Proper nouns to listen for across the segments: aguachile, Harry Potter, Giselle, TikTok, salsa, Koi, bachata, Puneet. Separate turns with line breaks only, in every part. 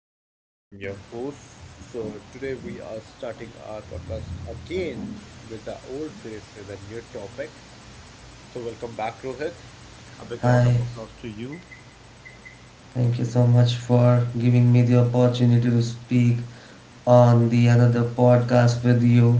is Puneet. I'm your host. So today we are starting our podcast again with the old face with a new topic. So welcome back, Rohit. A big round of
Hi,
applause to you.
thank you so much for giving me the opportunity to speak on the another podcast with you.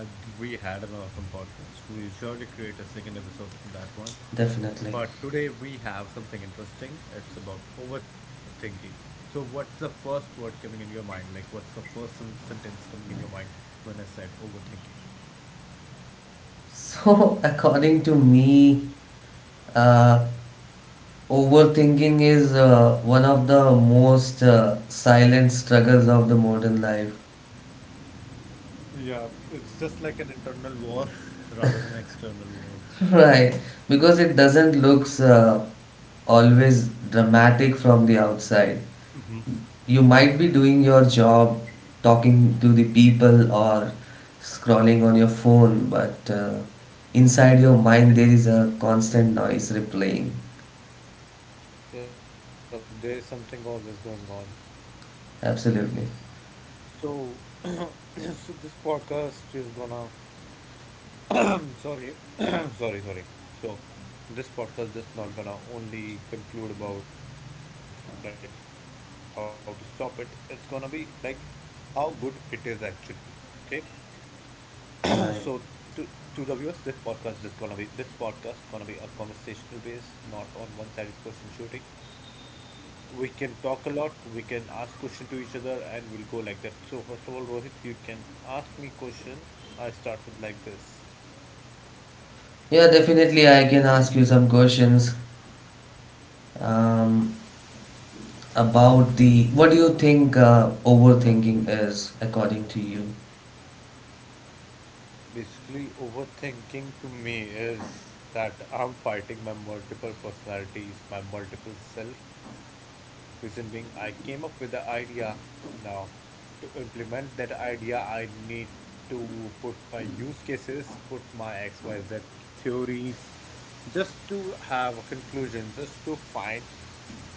And we had an awesome podcast. We surely create a second episode on that one.
Definitely.
But today we have something interesting. It's about overthinking. So what's the first word coming in your mind? Like what's the first sentence coming in your mind when I said overthinking?
So, according to me, uh, overthinking is one of the most silent struggles of the modern life.
Yeah, it's just like an internal war rather than external war.
Right, because it doesn't looks always dramatic from the outside. You might be doing
Mhm.
your job, talking to the people or scrolling on your phone, but inside your mind there
There's
is a
something,
constant noise
hmm,
replaying.
yeah, there's something always going on.
Absolutely.
So this podcast is sorry, sorry, sorry. So, this podcast just not gonna only conclude about like how to stop it. It's gonna be like how good it is actually. Okay? So to
Right.
to the viewers, this podcast is gonna be this podcast gonna be a conversational base, not on one-sided question shooting. We can talk a lot, we can ask question to each other, and we'll go like that. So first of all, Rohit, you can ask me question. I start with like this.
Yeah, definitely I can ask you some questions um, about the what do you think overthinking is according to you?
Basically, overthinking to me is that I'm fighting my multiple personalities, my multiple self, reason being, I came up with the idea. Now, to implement that idea, I need to put my use cases, put my XYZ theories, just to have a conclusion, just to find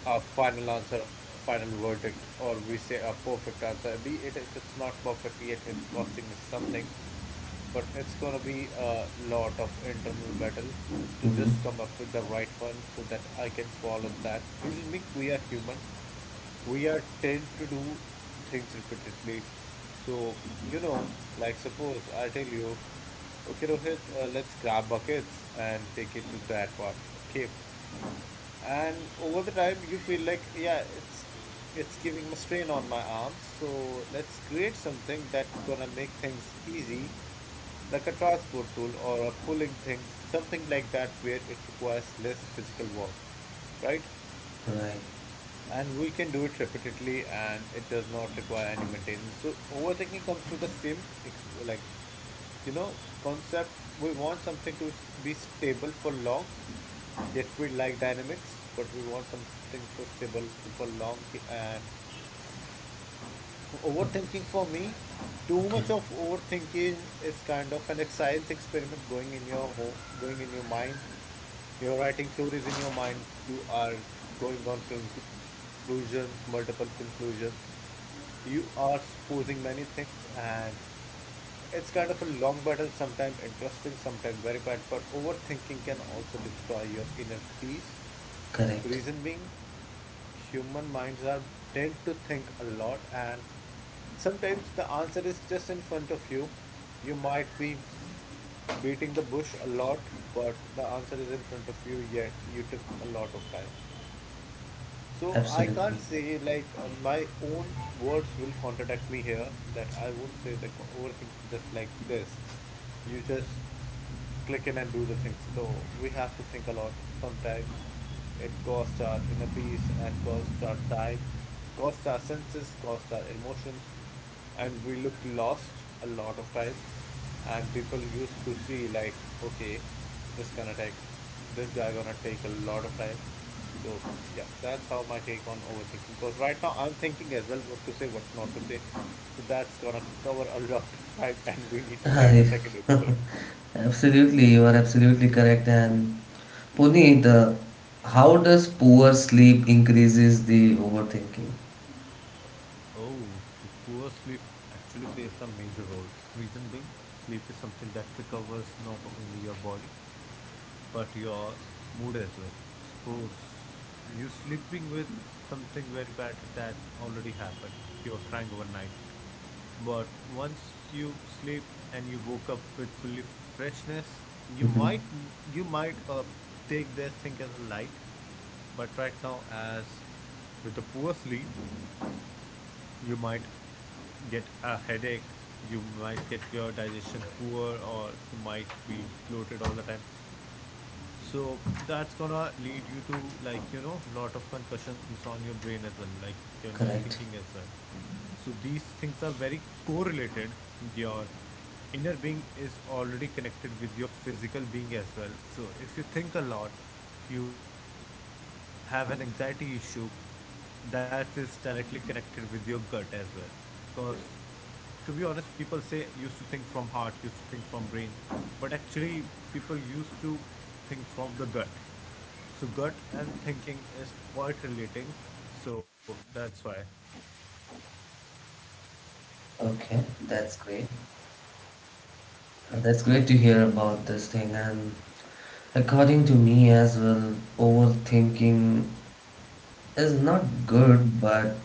a final answer, a final verdict, or we say a perfect answer, be it if it's not perfect yet, it's costing me something. But it's gonna be a lot of internal battle to
Mm-hmm.
just come up with the right one so that I can follow that. Reason being, we are human. We are tend to do things repeatedly. So, you know, like suppose I tell you, okay, Rohit, let's grab buckets and take it to that part. Okay, and over the time you feel like yeah, it's giving a strain on my arms, so let's create something that gonna make things easy, like a transport tool or a pulling thing, something like that where it requires less physical work, right,
Right.
and we can do it repeatedly and it does not require any maintenance. So overthinking comes with the same ex like you know concept. We want something to be stable for long, yet we like dynamics, but we want something for stable for long and overthinking for me, too
Okay.
much of overthinking is kind of an science experiment going in your ho going in your mind. You're writing theories in your mind. You are going on conclusions, multiple conclusions. You are supposing many things, and it's kind of a long battle, sometimes interesting, sometimes very bad. But overthinking can also destroy your inner peace.
Correct.
Reason being, human minds are tend to think a lot, and sometimes the answer is just in front of you. You might be beating the bush a lot, but the answer is in front of you, yet you took a lot of time. So I can't
Absolutely.
say like my own words will contradict me here that I won't say the overthinking just like this. You just click in and do the things. No, we have to think a lot. Sometimes it costs our inner peace and costs our time, costs our senses, costs our emotions, and we look lost a lot of time, and people used to see like, okay, this gonna take this guy gonna take a lot of time. So yeah, that's how my take on overthinking, because right now I'm thinking as well what to say, what not to say. So that's gonna cover a lot of time, and we need to create a
Hi.
second episode.
Absolutely, you are absolutely correct. And Puneet, how does poor sleep increases the overthinking?
Oh, so poor sleep actually plays a major role. Reason being, sleep is something that recovers not only your body but your mood as well. Suppose you're sleeping with something very bad that already happened. You were crying overnight. But once you sleep and you woke up with fully freshness, you
Hmm.
might you might uh, take this thing as a light. But right now, as with the poor sleep, you might get a headache, you might get your digestion poor, or you might feel bloated all the time. So that's gonna lead you to, like, you know, lot of concussions on your brain as well, like on your thinking
Correct.
as well. So these things are very correlated. Your inner being is already connected with your physical being as well. So if you think a lot, if you have an anxiety issue, that is directly connected with your gut as well. Because to be honest, people say used to think from heart, used to think from brain, but actually people used to think from the gut. So gut and thinking is quite relating. So that's why.
Okay, that's great.
Yep.
That's great to hear about this thing. And according to me as well, overthinking is not good, but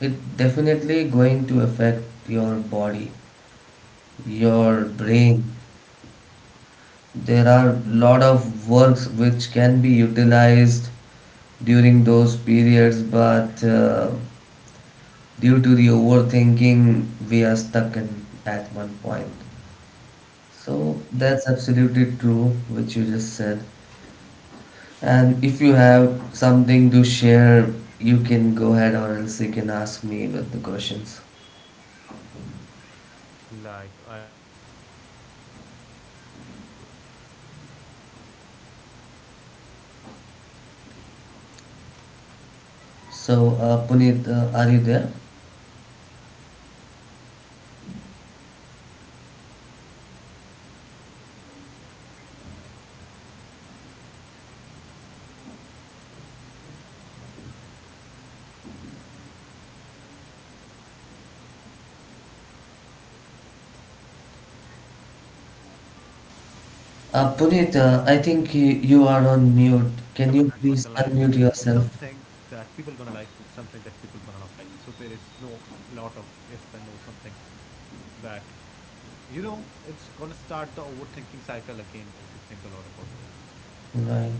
it definitely going to affect your body, your
Okay.
brain. There are a lot of works which can be utilized during those periods, but due to the overthinking we are stuck in at one point. So
Yep.
that's absolutely true which you just said. And if you have something to share, you can go ahead, or else you can ask me with the questions.
Like I don't Like I have a lot to share right now. Suppose if I think about this podcast itself, prior trying this
So
podcast,
Puneet,
I
are you there?
have like lot of things going in my mind, like how we gonna start it, what I'm gonna say, how we gonna take this thing for this particular like length of period, and whom I'm gonna do the podcast, what's the topic gonna be, what I'm gonna say, is there something it should be in a limit, is it something that should be not
Puneet,
crossing the
I
lines,
think
is
you,
it
you are
something
on mute.
that people
Can
gonna
you
like,
please
is it
unmute
something that people
yourself?
gonna not like. So there is no lot of if and no something that, you know, it's gonna start the overthinking cycle again if you think a lot about this.
Right.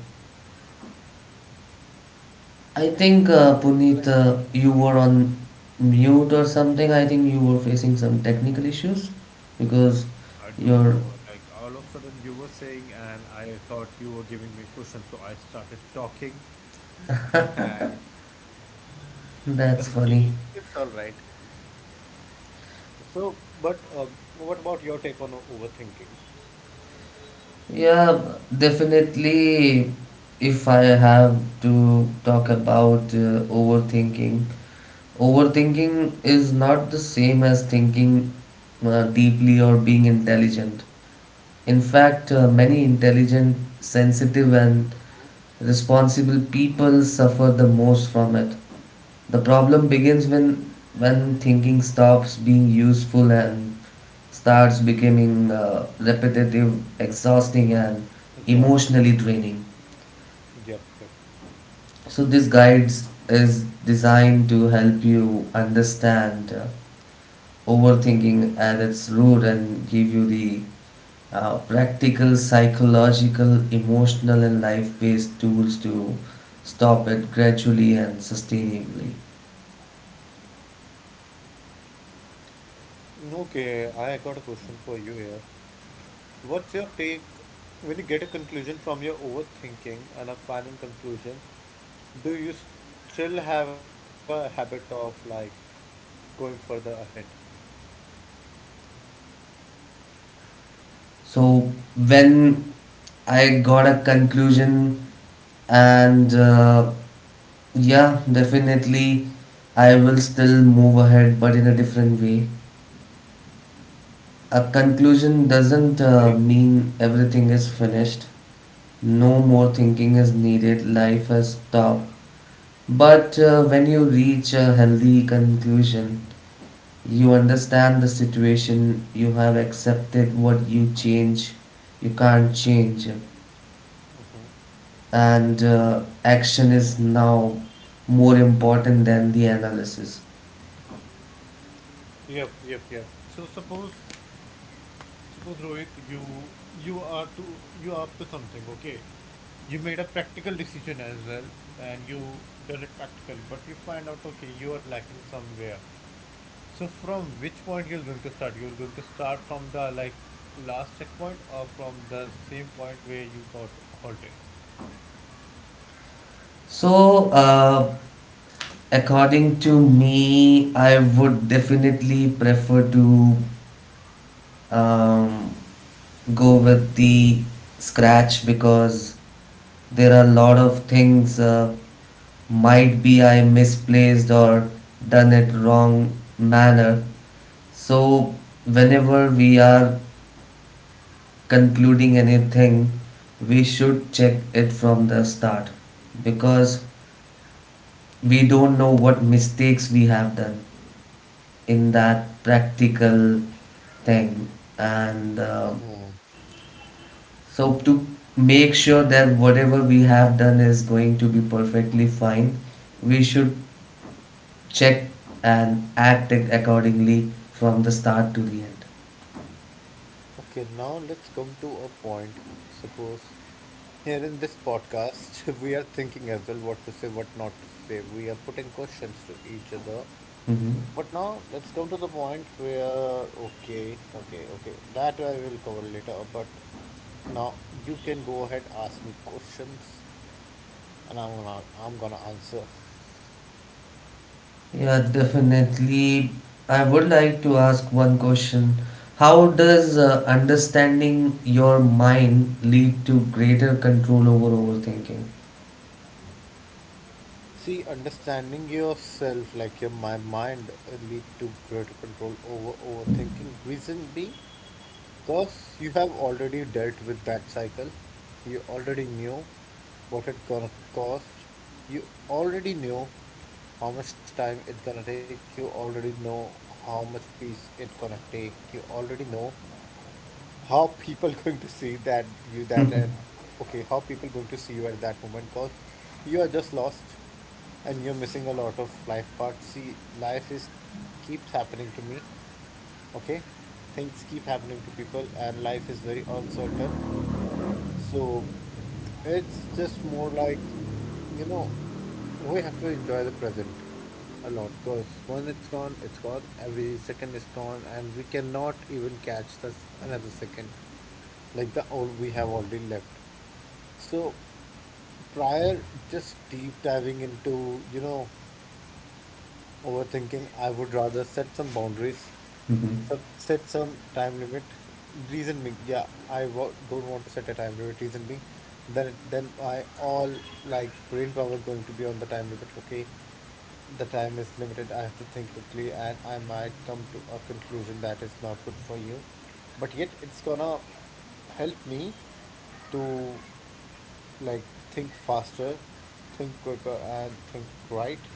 I
So
think
like
Puneet, you were on mute or something. I think you were facing some technical issues because
I don't
you're.
know, like all of a sudden you were saying and I thought you were giving me questions, so I started talking, and
That's funny.
okay, it's all right. So but what about your take on overthinking?
Yeah, definitely. If I have to talk about overthinking, overthinking is not the same as thinking deeply or being intelligent. In fact, many intelligent, sensitive, and responsible people suffer the most from it. The problem begins when thinking stops being useful and starts becoming repetitive, exhausting, and
Yeah,
emotionally draining.
yep.
So this guides is designed to help you understand overthinking at its root and give you the practical, psychological, emotional, and life based tools to stop it gradually and sustainably.
No, okay, I got a question for you here. What's your take when you get a conclusion from your overthinking and a final conclusion? Do you still have a habit of like going further ahead?
So, when I got a conclusion, and yeah, definitely I will still move ahead, but in a different way. A conclusion
Okay.
doesn't mean everything is finished. No more thinking is needed. Life has stopped. But when you reach a healthy conclusion, you understand the situation, you have accepted what you change, you can't change, and action is now more important than the analysis.
Yep. So suppose Rohit, you are up to something, okay? You made a practical decision as well, and you done it practically, but you find out okay, you are lacking somewhere. So from which point you're going to start? You're going to start from the like last checkpoint or from the same point where you got halted?
So, according to me, I would definitely prefer to um, go with the scratch because there are a lot of things. Might be I misplaced or done it wrong manner. So whenever we are concluding anything, we should check it from the start because we don't know what mistakes we have done in that practical thing. And
Hmm.
so to make sure that whatever we have done is going to be perfectly fine, we should check and act it accordingly from the start to the end.
Okay, now let's come to a point. Suppose here in this podcast, we are thinking as well what to say, what not to say. We are putting questions to each other.
Mm-hmm.
But now let's come to the point where, okay, that I will cover later. But now you can go ahead, ask me questions, and I'm gonna answer.
Yeah, definitely. I would like to ask one question. How does understanding your mind lead to greater control over overthinking?
See, understanding yourself, like your my mind, lead to greater control over overthinking. Reason being, because you have already dealt with that cycle. You already knew what it gonna cost. You already knew how much time it gonna take. You already know how much peace it gonna take. You already know how people going to see that you that at okay, how people going to see you at that moment, because you are just lost and you're missing a lot of life parts. See, life is keeps happening to me. Okay, things keep happening to people, and life is very uncertain. So it's just more like, you know, we have to enjoy the present a lot, because when it's gone, it's gone. Every second is gone, and we cannot even catch this another second, like the all we have already left. So prior, just deep diving into, you know, overthinking, I would rather set some boundaries,
Mm-hmm.
sub set some time limit. Reason being, yeah, I wa don't want to set a time limit. Reason being, then my all like brain power going to be on the time limit. Okay, the time is limited. I have to think quickly, and I might come to a conclusion that is not good for you. But yet, it's gonna help me to like think faster, think quicker, and think right,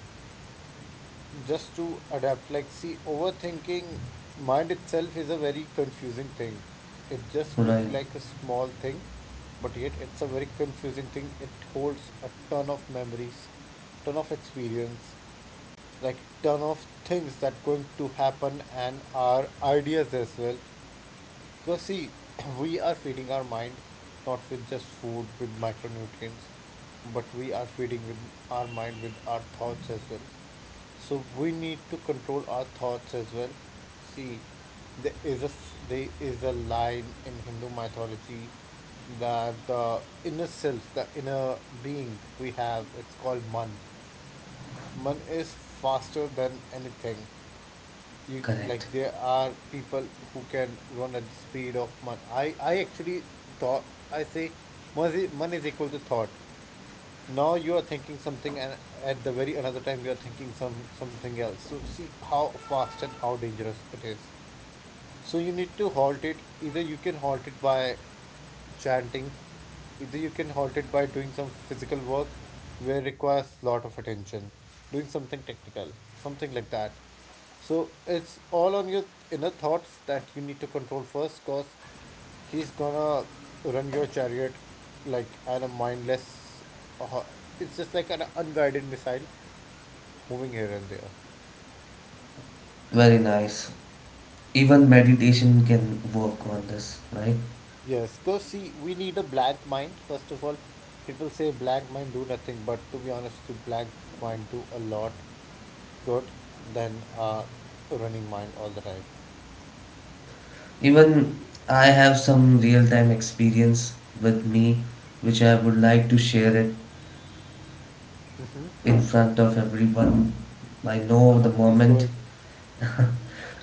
just to adapt. Like, see, overthinking mind itself is a very confusing thing. It just
Right,
looked like a small thing, but yet it's a very confusing thing. It holds a ton of memories, ton of experience, like ton of things that going to happen, and our ideas as well. Because see, we are feeding our mind not with just food, with micronutrients, but we are feeding with our mind with our thoughts as well. So we need to control our thoughts as well. See, there is there is a line in Hindu mythology that the inner self, the inner being we have, it's called man. Man is faster than anything you
correct.
like there are people who can run at the speed of man I actually thought I say man is equal to thought now you are thinking something and at the very another time you are thinking something else so see how fast and how dangerous it is so you need to halt it. Either you can halt it by chanting, either you can halt it by doing some physical work where it requires a lot of attention, doing something technical, something like that. So it's all on your inner thoughts that you need to control first because he's gonna run your chariot like an a mindless uh, it's just like an unguided missile moving here and there.
Very nice. Even meditation can work on this, right?
Yes, because see, we need a blank mind. First of all, people say blank mind do nothing, but to be honest, you blank mind do a lot good than running mind all the time.
Even I have some real time experience with me which I would like to share it in front of everyone. I know the
Uh-huh, please go
moment.
ahead.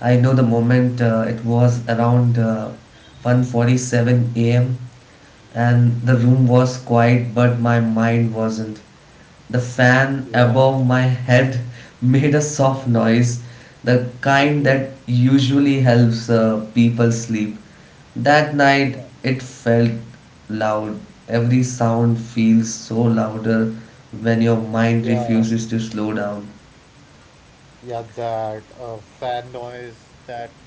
I know the moment. It was around 1:47 a.m., and the room was quiet, but my mind wasn't. The fan
Yeah.
above my head made a soft noise, the kind
Okay.
that usually helps people sleep. That night
Yeah.
it felt loud. Every sound feels so louder when your mind
Yeah.
refuses to slow down.
Yeah, that fan noise, that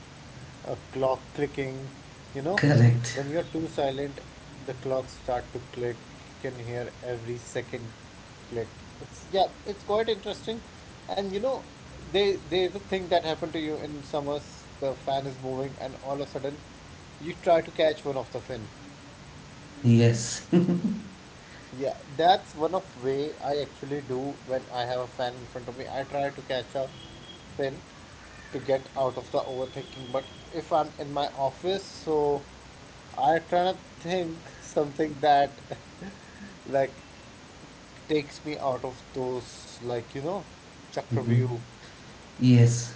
clock clicking. You know,
Correct.
when you're too silent, the clocks start to click. You can hear every second click. It's yeah, it's quite interesting. And you know, they there's a thing that happened to you in summers. The fan is moving, and all of a sudden, you try to catch one of the fin.
Yes.
Yeah, that's one of way I actually do when I have a fan in front of me. I try to catch a fin to get out of the overthinking. But if I'm in my office, so I try to think something that like takes me out of those like you know chakra
Mhm.
view.
Yes.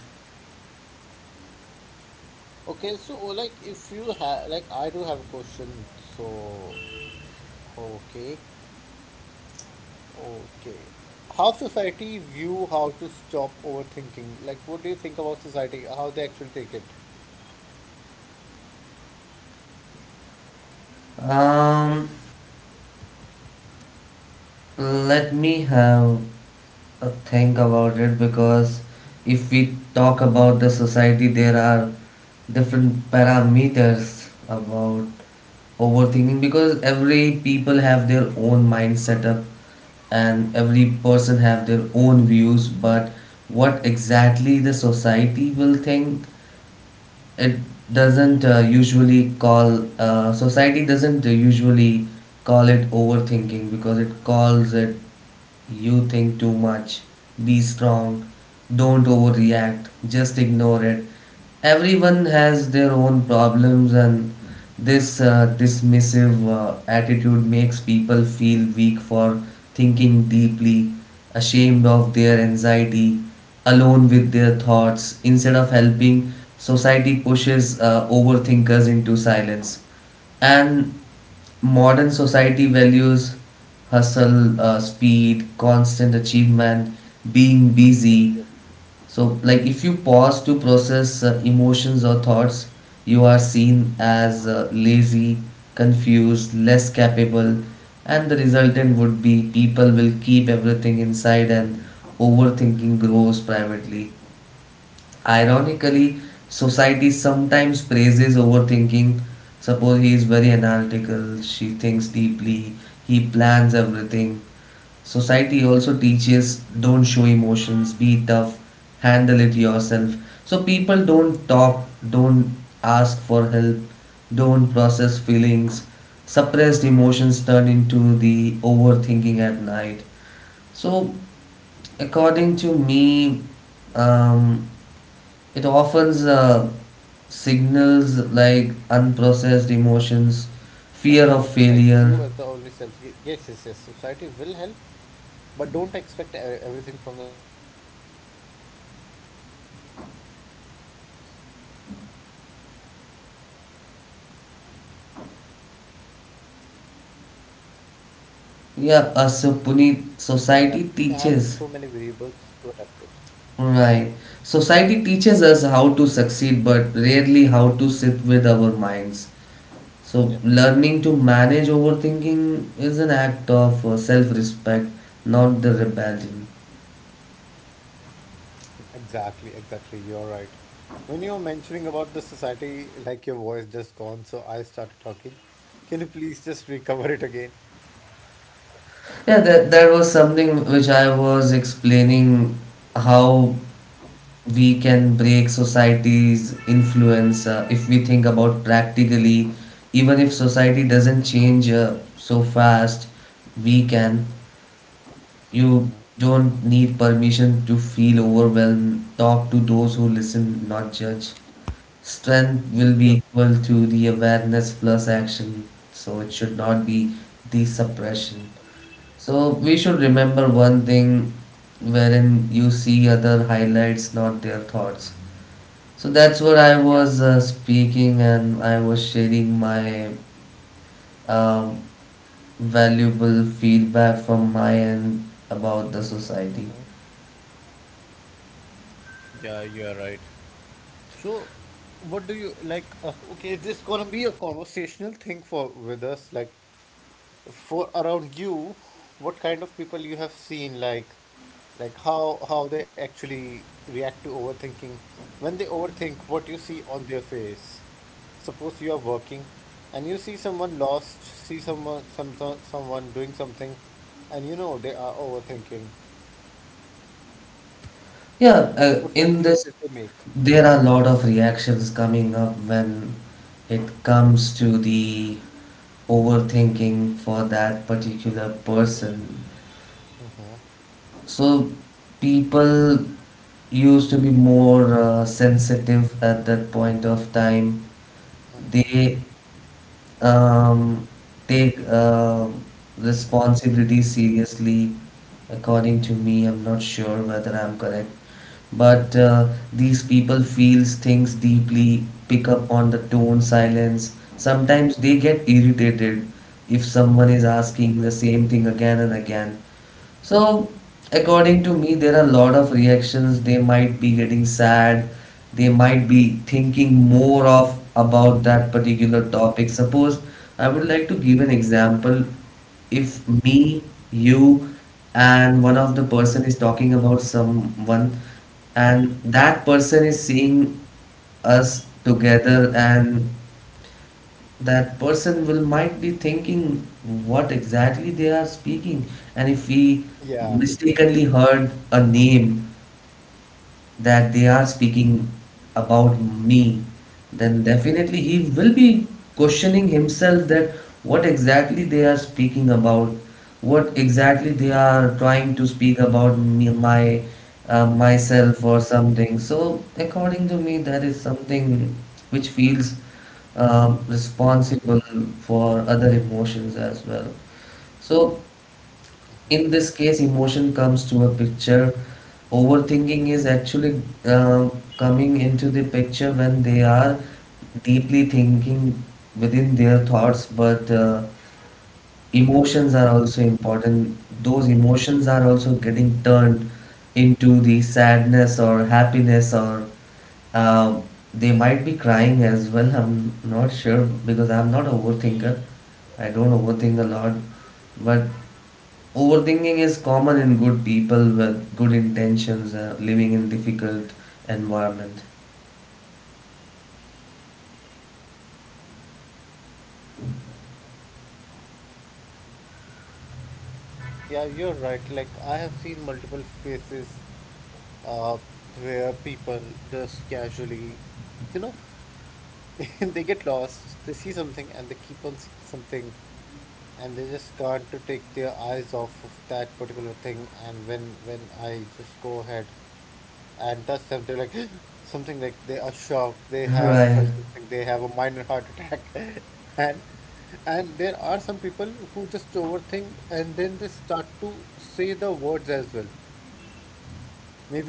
Okay, so like if you have like I do have a question. So okay. Okay. How society view how to stop overthinking? Like, what do you think about society? How they actually take it?
Um, Let me have think about it, because if we talk about the society, there are different parameters about overthinking, because every people have their own mind setup and every person have their own
Mhm,
views. But what exactly the society will think, it doesn't
mhm.
usually call, society doesn't usually call it overthinking, because it calls it, "You think too much. Be strong. Don't overreact. Just ignore it. Everyone has their own problems," and this dismissive attitude makes people feel weak for thinking deeply, ashamed of their anxiety, alone with their thoughts. Instead of helping, society pushes overthinkers into silence. And modern society values hustle, speed, constant achievement, being
Yep, yep.
busy. So, like, if you pause to process emotions or thoughts, you are seen as lazy, confused, less capable, and the resultant would be people will keep everything inside and overthinking grows privately. Ironically, society sometimes praises overthinking. Suppose he is very analytical, she thinks
Again, I think we are
deeply,
lost,
he
but
plans
ironically,
everything.
I think Ro
Society
Rohit must be
also teaches
thinking
don't show
that people
emotions, be
used
tough,
to
handle it
think that
yourself.
if they
So
perform
people
this, they're
don't
gonna get
talk,
out of
don't
overthinking, get
ask
like
for help,
it's all inner
don't process
experience,
feelings.
nothing else.
Suppressed emotions turn
If
into
your
the
inner being
overthinking at
is
night.
full, if your
So,
inner being
according
is
to
good enough,
me,
you don't need someone
um,
else
it
validation
often
in your life.
signals like
That is the
unprocessed
only thing
emotions,
that's gonna work.
fear of
Like you are
failure.
the only self. Yes, yes, yes. Society will help, but don't expect everything from the society that it's gonna catch up with you. That's gonna help you a lot. But what I say is that you know. You know, like
Yeah, so
society is more
Puneet,
of like
society
you have
teaches,
so many variables to adapt with.
right?
Okay.
Society teaches us how to succeed, but rarely how to sit with our minds. So,
Yep.
learning to manage overthinking is an act of self respect, not the rebellion.
Exactly, exactly. You're right. When you were mentioning about the society, like your voice just gone, so I started talking. Can you please just recover it again?
Yeah, that was something which I was explaining, how we can break society's influence if we think about practically, even if society doesn't change so fast. We can, you don't need permission to feel overwhelmed. Talk to those who listen, not judge. Strength will be
Yep.
equal to the awareness plus action, so it should not be the suppression. So we should remember one thing, wherein you see other highlights, not their thoughts. So that's what I was speaking, and I was sharing my um valuable feedback from my end about the society.
Yeah, you are right. So, what do you like? Okay, is this gonna be a conversational thing for with us? Like, for around you, what kind of people you have seen, like, like how they actually react to overthinking. When they overthink, what you see on their face. Suppose you are working, and you see someone lost, see someone some someone doing something, and you know they are overthinking.
Yeah,
What kind
in
of
this,
faces they make?
there are a lot of reactions coming up when it comes to the overthinking for that particular person. So people used to be more sensitive at that point of time. They um, take responsibility seriously. According to me, I'm not sure whether I'm correct, but these people feels things deeply, pick up on the tone, silence. Sometimes they get irritated if someone is
Yeah,
asking the
yeah,
same thing again and again. So, according to me, there are a lot of reactions. They might be getting sad. They might be thinking more of about that particular topic. Suppose I would like to give an example. If me, you, and one of the person is talking about someone, and that person is seeing us together, and that person will might be thinking what exactly they are speaking. And if we
yeah.
mistakenly heard a name that they are speaking about me, then definitely he will be questioning himself that what exactly they are speaking about, what exactly they are trying to speak about me, my myself or something. So according to me, that is something which feels
Hmm.
responsible for other emotions as well. So, in this case, emotion comes to a picture. Overthinking is actually coming into the picture when they are deeply thinking within their thoughts, but emotions are also important. Those emotions are also getting turned into the sadness or happiness, or um, they might be crying as well. I'm not sure because I'm not a overthinker. I don't overthink a lot, but overthinking is common in good people with good intentions living in difficult environment.
Yeah, you're right. Like I have seen multiple faces uh, where people just casually, you know, they get lost, they see something and they keep on seeing something and they just can't to take their eyes off of that particular thing and when I just go ahead and touch them, they're like something like they are shocked, they have
Right.
felt something, they have a minor heart attack and and there are some people who just overthink and then they start to say the words as well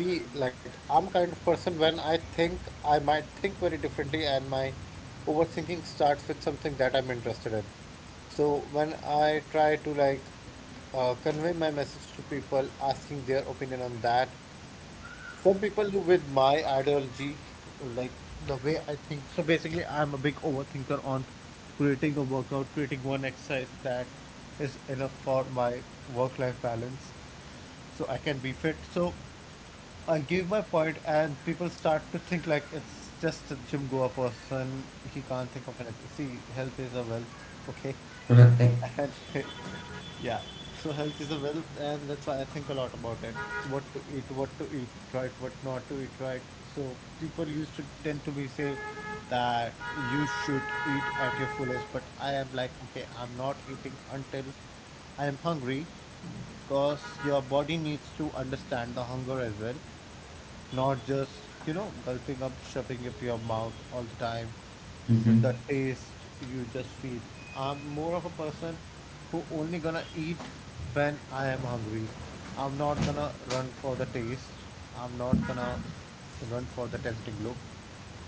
maybe like I'm kind of person when I think I might think very differently and my overthinking starts with something that I'm interested in. So when I try to like convey my message to people asking their opinion on that, some people with my ideology, like the way I think. So basically, I'm a big overthinker on creating a workout, creating one exercise that is enough for my work-life balance, so I can be fit. So I give my point, and people start to think like it's just a Jim Goa person. He can't think of anything. See, health is a wealth, okay?
Right.
And yeah, so health is a wealth, and that's why I think a lot about it. What to eat right, what not to eat right. So people used to tend to be say that you should eat at your fullest, but I am like, okay, I'm not eating until I am hungry because your body needs to understand the hunger as well not just, you know, gulping up, shoving up your mouth all the time with
Mhm.
the taste you just feel. I'm more of a person who only gonna eat when I am hungry. I'm not gonna run for the taste. I'm not gonna run for the tempting look.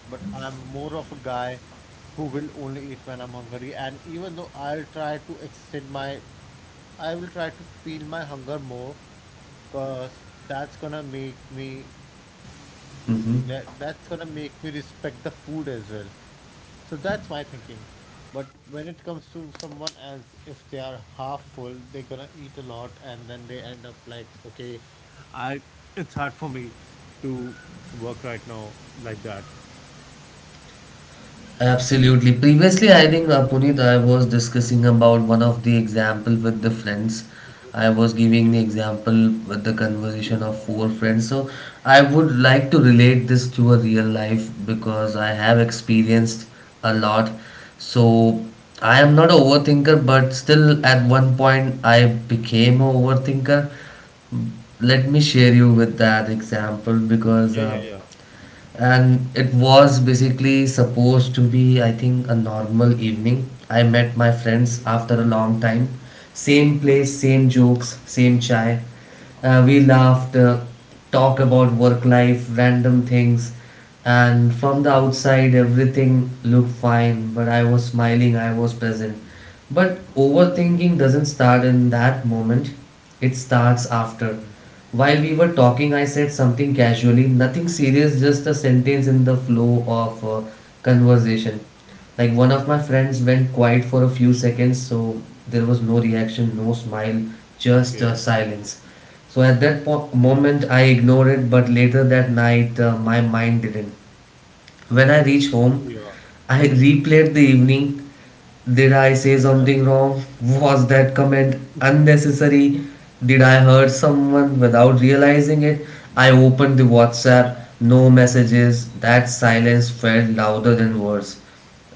But I'm more of a guy who will only eat when I'm hungry. And even though I'll try to extend my, I will try to feel my hunger more because that's gonna make me that,
Mhm.
that's gonna make me respect the food as well. So that's my thinking. But when it comes to someone else, if they are half full, they're gonna eat a lot and then they end up like, okay, I it's hard for me to work right now like that.
Absolutely. Previously, I think Puneet, I was discussing about one of the example with the friends. I was
Mhm.
giving the
Okay.
example with the conversation of four friends. So I would like to relate this to a real life because I have
Yep.
experienced a lot. So I am not a overthinker, but still at one point I became a overthinker. Let me share
Mhm.
you with that example, because
Yeah, yeah, yeah.
and it was basically supposed to be, I think, a normal evening. I met my friends
Mm-hmm.
after a long time. Same place, same jokes, same chai. We laughed, talked about work life, random things, and from the
Mm-hmm.
outside, everything looked fine. But I was smiling, I was present. But overthinking doesn't start in that moment, it starts after. While we were talking, I said something casually, nothing serious, just a sentence in the flow of conversation. Like one of my friends went quiet for a few seconds, so there was no reaction, no smile, just
Okay.
silence. So at that moment,
Yeah.
I ignored it, but later that night, my mind didn't. When I reached home,
Yeah.
I replayed the evening. Did I say something wrong? Was that comment unnecessary? Did I hurt someone without realizing it? I opened the
Yeah.
WhatsApp, no messages. That silence felt louder than words,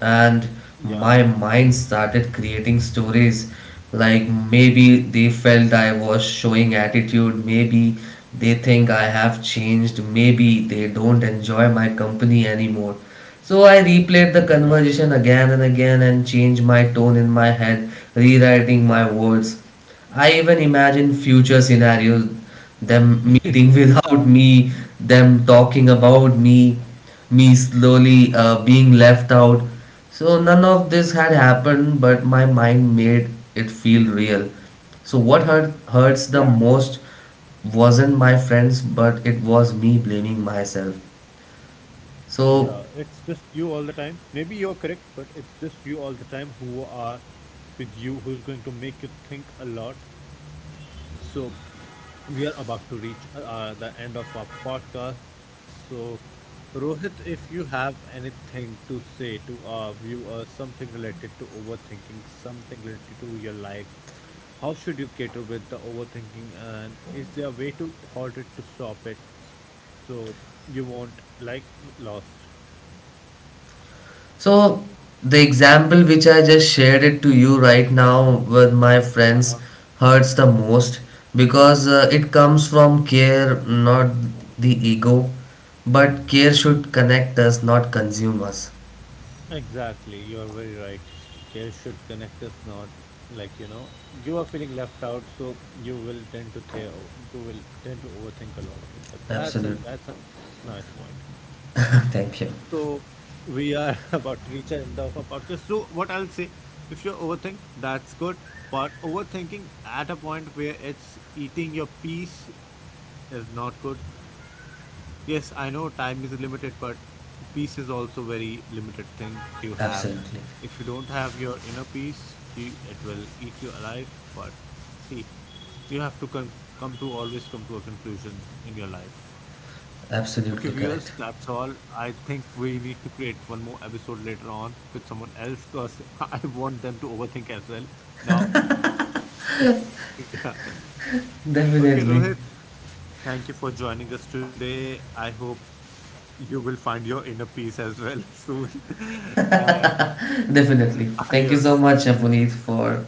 and
Yeah.
my mind started creating stories like, maybe they felt I was showing attitude, maybe they think I have changed, maybe they don't enjoy my company anymore. So I replayed the
Yeah.
conversation again and again and changed my tone in my head, rewriting my words. I even imagined future scenarios, them meeting without me, them talking about me, me slowly being left out. So none of this had happened, but my mind made it feel real. So what hurt, hurts
Yeah.
the most wasn't my friends, but it was me blaming myself.
Yeah, it's
So
just you all the time. Maybe you're correct, but it's just you all the time who are with you, who's going to make you think a lot. So, we are about to reach the end of our podcast. So, Rohit, if you have anything to say to our viewers, something related to overthinking, something related to your life, how should you cater with the overthinking and is there a way to halt it to stop it so you won't like lost?
so the example which I just shared it to you right now with my
Uh-huh.
friends hurts the most because it comes from care, not the ego. But care should connect us, not consume us.
Exactly, you are very right. Care should connect us, not like you know, you are feeling left out, so you will tend to th you will tend to overthink a lot. Yeah, that's a
Absolutely.
nice point.
Thank you.
So we are about to reach the end of our podcast. So what I'll say, if you overthink, that's good, but overthinking at a point where it's eating your peace is not good. Yes, I know time is limited, but peace is also very limited thing you have.
Absolutely.
If you don't have your inner peace, you, it will eat you alive. But see, you have to come to always come to a conclusion in your life. Okay, viewers,
Absolutely
that's
correct.
all. I think we need to create one more episode later on with someone else because I want them to overthink as well. Now, yeah. Okay,
Definitely,
Rohit, thank you for joining us today. I hope you will find your inner peace as well soon. And
definitely. Thank you so
adios.
much, Apuneet, for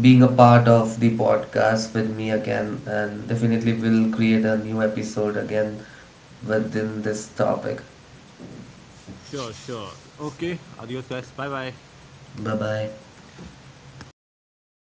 being a part of the podcast with me again. And definitely, we'll create a new episode again within this topic.
Sure, sure. Okay, adios, guys. Bye bye.
Bye bye.